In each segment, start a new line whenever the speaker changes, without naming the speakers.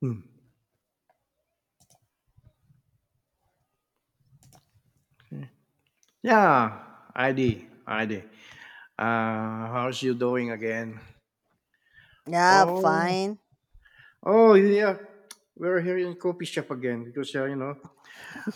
Hmm. Yeah, I did. I did. How's you doing again?
Yeah,
Oh,
fine.
oh yeah. We're here in coffee shop again because you know,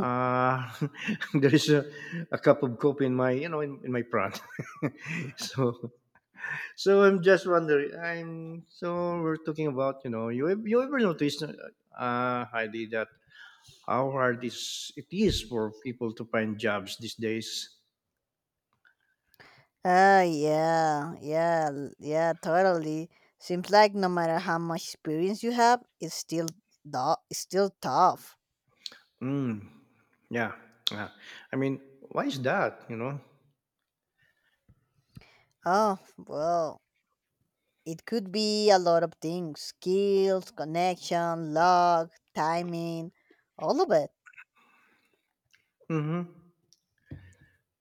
uh, there is a cup of coffee in my you know in my front. so so I'm just wondering. I'm so We're talking about you know you ever noticed, Heidi, that how hard is it is for people to find jobs these days?
Yeah, yeah, yeah, totally. Seems like no matter how much experience you have, it's still it's still tough.
Mm. Yeah, yeah. I mean, why is that? You know.
Oh, well, it could be a lot of things: skills, connection, luck, timing, all of it.
Mm-hmm.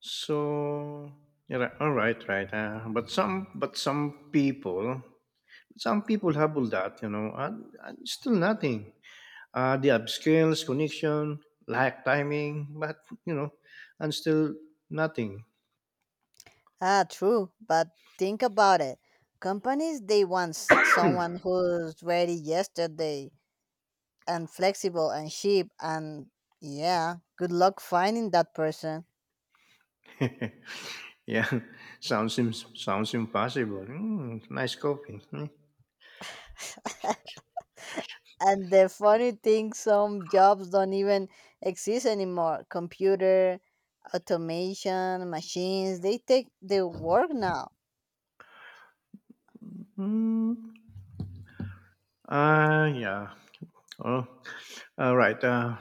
So yeah, all right, right. But some, some people have all that. You know, and still nothing. They have skills, connection, lack timing, but you know, and still nothing.
Ah, true, but think about it. Companies, they want someone who's ready yesterday and flexible and cheap, and yeah, good luck finding that person.
Yeah, sounds impossible. Mm, nice copy. Mm,
And the funny thing, some jobs don't even exist anymore. Computer automation machines, they take the work now.
mm. Ah, yeah. Oh, all right.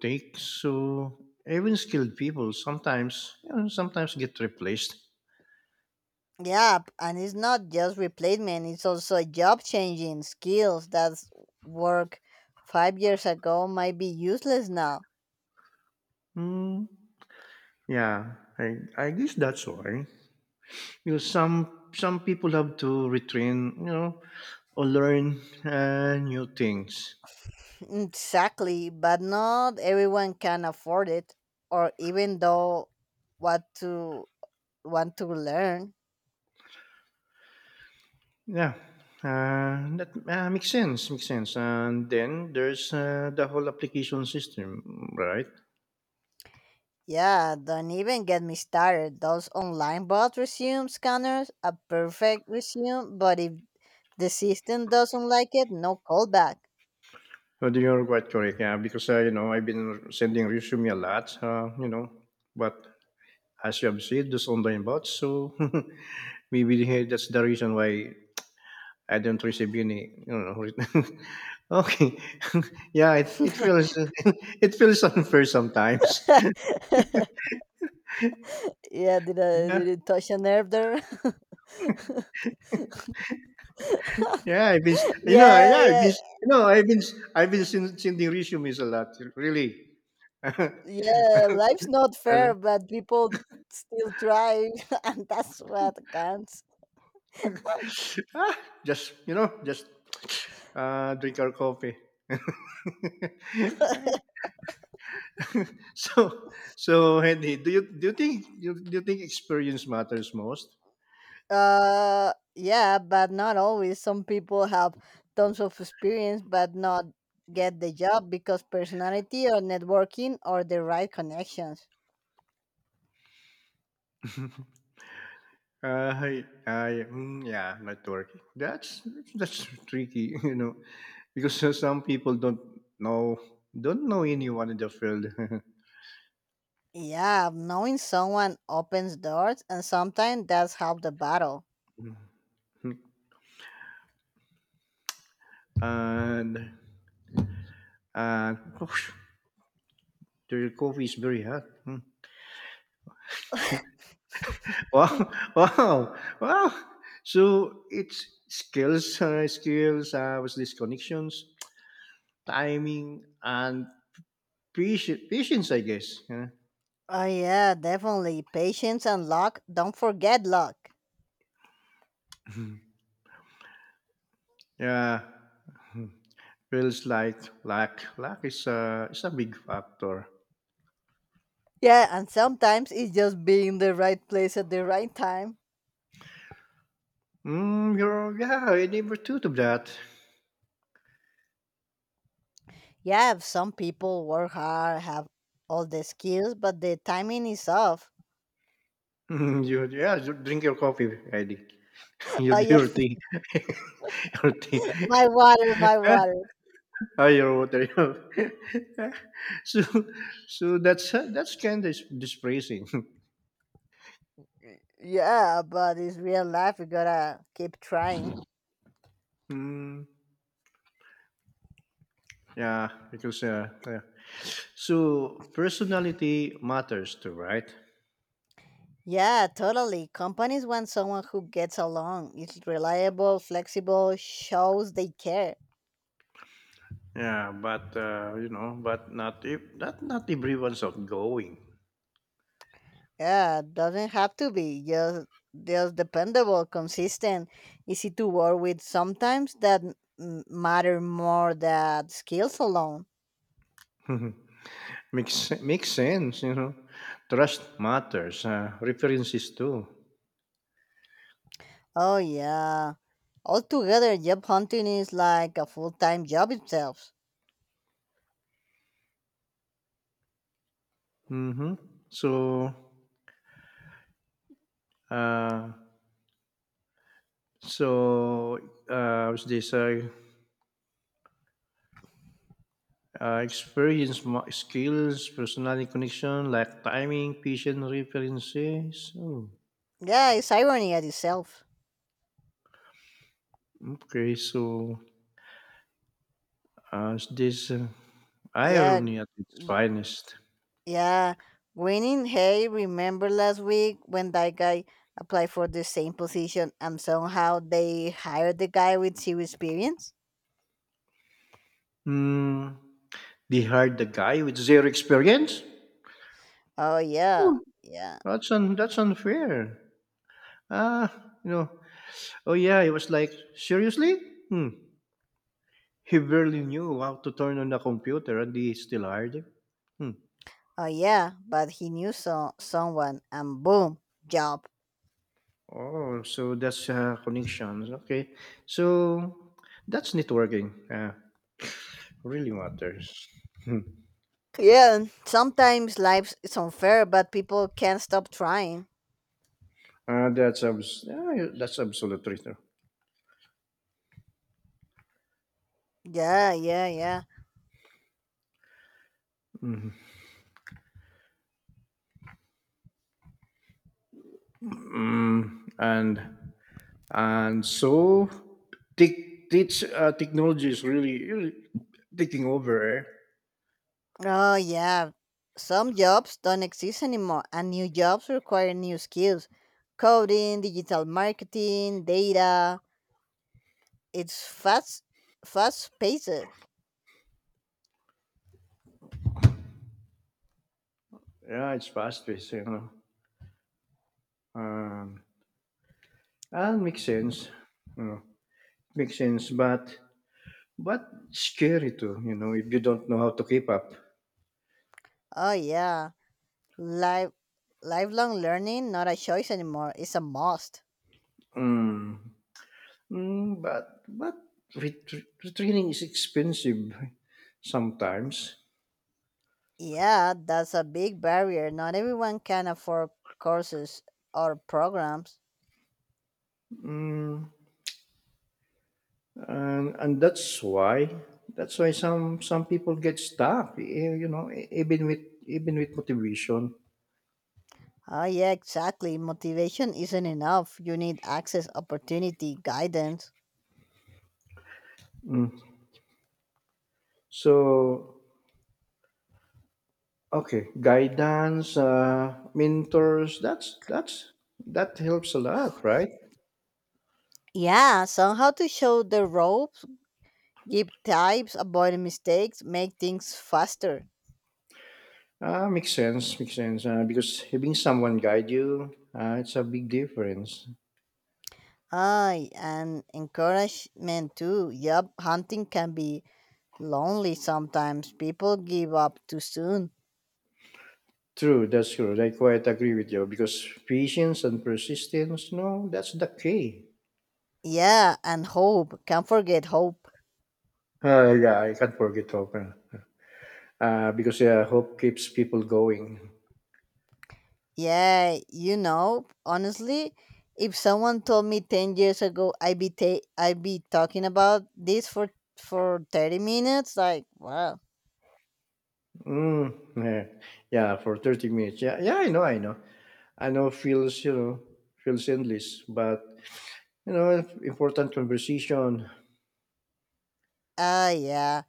Take so even skilled people sometimes you know, sometimes get replaced.
Yeah, and it's not just replacement, it's also a job changing skills. That's work 5 years ago might be useless now.
Hmm. Yeah, I guess that's why. You know, some people have to retrain. You know, or learn new things.
Exactly, but not everyone can afford it, or even though what to want to learn.
Yeah. That makes sense. Makes sense. And then there's the whole application system, right?
Yeah, don't even get me started. Those online bot resume scanners, a perfect resume, but if the system doesn't like it, no callback.
Well, you're quite correct. Yeah, because you know I've been sending resume a lot. You know, but as you have said, those online bots. So maybe that's the reason why I don't receive any. You know. Okay. Yeah, it feels it feels unfair sometimes.
Yeah, did I
Yeah,
did it touch a nerve there?
yeah.
Yeah,
I've
yeah,
been you know sending resumes a lot. Really.
yeah. Life's not
And
fair, but people still try, and that's what counts.
ah, just you know, just drink our coffee. So, so Henry, do you think experience matters most?
Yeah, but not always. Some people have tons of experience but not get the job because personality or networking or the right connections.
Yeah, networking. That's tricky, you know, because some people don't know anyone in the field,
Yeah, knowing someone opens doors, and sometimes that's half the battle.
and and oh, coffee is very hot. Hmm. Wow, wow, wow. So it's skills, skills, was this connections, timing, and patience I guess. Yeah.
Oh, yeah, definitely. Patience and luck. Don't forget luck.
Yeah. Hmm, feels like luck. Luck is is a big factor.
Yeah, and sometimes it's just being the right place at the right time.
Mm, yeah, I never thought of that.
Yeah, some people work hard, have all the skills, but the timing is off.
Mm, yeah, you drink your coffee, Eddie.
Oh, yeah.
Your tea. Your tea.
My water, my water.
Ayo, there you go. So, so that's kind of dispraising.
Yeah, but it's real life. You gotta keep trying.
Mm, yeah, because yeah. So personality matters too, right?
Yeah, totally. Companies want someone who gets along, is reliable, flexible, shows they care.
Yeah, but you know, but not everyone's outgoing.
Yeah, doesn't have to be just dependable, consistent, easy to work with. Sometimes that matter more than skills alone.
Makes sense, you know. Trust matters. References too.
Oh yeah. Altogether, job hunting is like a full time job itself.
Mm-hmm. So, uh, so was this? Experience, skills, personality connection, like timing, patient references. Oh,
Yeah, it's irony at itself.
okay, so it's this
Yeah, g-
irony at its finest.
yeah. Winning, hey, remember last week when that guy applied for the same position and somehow they hired the guy with zero experience?
Hmm, they hired the guy with zero experience.
Oh yeah,
Oh,
yeah.
that's unfair. Ah, you know. Oh yeah, it was like seriously. Hmm. He barely knew how to turn on the computer, and they still hired him. Hmm.
Oh yeah, but he knew so someone and boom, job.
Oh, so that's connections. Okay. So that's networking. Really matters. Hmm.
Yeah, and sometimes life is unfair, but people can't stop trying.
Yeah, that's absolute traitor.
Yeah, yeah, yeah.
Mm, and so tech technology is really, really taking over. Eh?
Oh, yeah. Some jobs don't exist anymore, and new jobs require new skills: coding, digital marketing, data. It's fast, fast paced.
Yeah, it's fast paced, you know. Um, and makes sense. You know, makes sense, but scary too. You know, if you don't know how to keep up.
Oh, yeah. Life, lifelong learning, not a choice anymore, it's a must.
Mm. Mm, but training is expensive sometimes,
Yeah, that's a big barrier. Not everyone can afford courses or programs.
and that's why some people get stuck. Eh, you know, even with motivation.
Oh, yeah, exactly. Motivation isn't enough. You need access, opportunity, guidance.
Mm. So okay, guidance, mentors. That's that helps a lot, right?
Yeah, so how to show the ropes, give tips, avoid mistakes, make things faster.
Ah, makes sense, makes sense. Because having someone guide you, it's a big difference.
Aye, and encouragement too. Yup, hunting can be lonely sometimes. People give up too soon.
True, that's true. And I quite agree with you because patience and persistence, no, that's the key.
Yeah, and hope. Can't forget hope.
Yeah, I can't forget hope. Because yeah, hope keeps people going.
Yeah, you know, honestly, if someone told me 10 years ago I'd be, I'd be talking about this for 30 minutes, like, wow.
Mm, yeah, for 30 minutes. Yeah, yeah, I know, I know. I know feels, you know, feels endless, but, you know, important conversation.
Ah, yeah.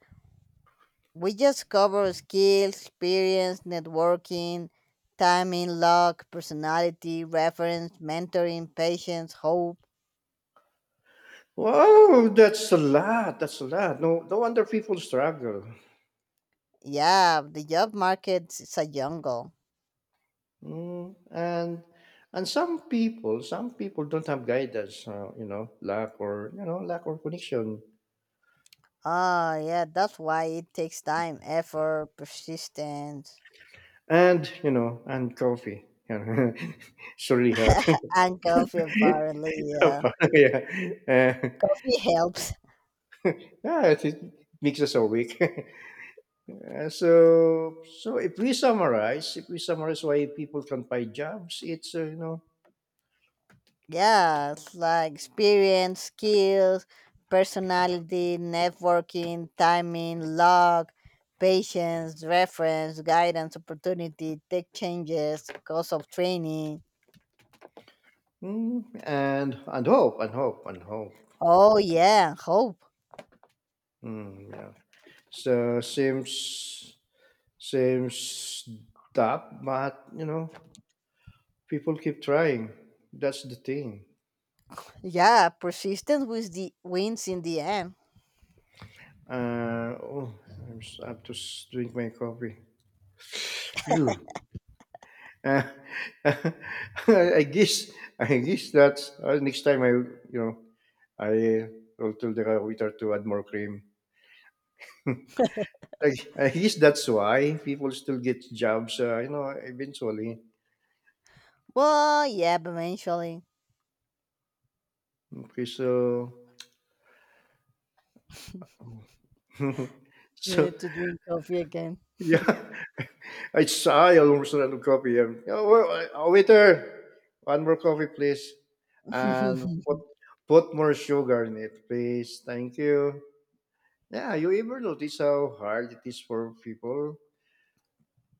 We just cover skills, experience, networking, timing, luck, personality, reference, mentoring, patience, hope.
Wow, that's a lot. That's a lot. No, no wonder people struggle.
Yeah, the job market is a jungle.
Mm, and some people don't have guidance, you know, lack or you know, lack or connection,
Ah, yeah, that's why it takes time, effort, persistence,
and you know, and coffee. It's really hot.
and coffee apparently. Yeah,
Yeah, uh,
coffee helps.
yeah, it makes us awake. So so if we summarize why people can find jobs, it's you know,
Yeah, it's like experience, skills, personality, networking, timing, luck, patience, reference, guidance, opportunity, tech changes, cost of training.
mm, and and hope.
Oh yeah, hope.
Mm, yeah. So seems. Same stuff, but you know, people keep trying. That's the thing.
Yeah, persistence with the wins in the end.
Oh, I have to drink my coffee. You. Uh, I guess I guess that next time I you know I will tell the waiter to add more cream. I, I guess that's why people still get jobs. You know, eventually.
Well, yeah, but eventually
Okay, so
you
so
need to drink coffee again.
yeah. I saw yung gusto ng coffee. Oh, oh, waiter, one more coffee, please. And put more sugar in it, please. Thank you. Yeah, you ever notice how hard it is for people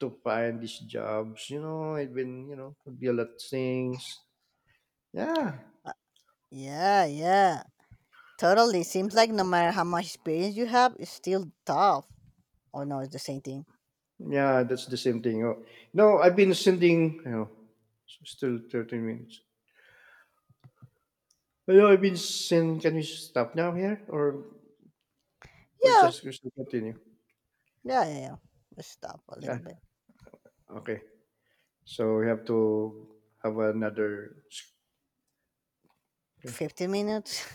to find these jobs? You know, it's been, you know, could be a lot of things. Yeah,
Yeah, yeah, totally. Seems like no matter how much experience you have, it's still tough. Oh no, it's the same thing.
yeah, that's the same thing. Oh, no, I've been sending, you know, still 13 minutes. You know, I've been sending, can we stop now here? Or
Yeah,
we should continue?
yeah, yeah, yeah. Let's stop a
Yeah,
little bit.
okay. So we have to have another. Okay.
50 minutes?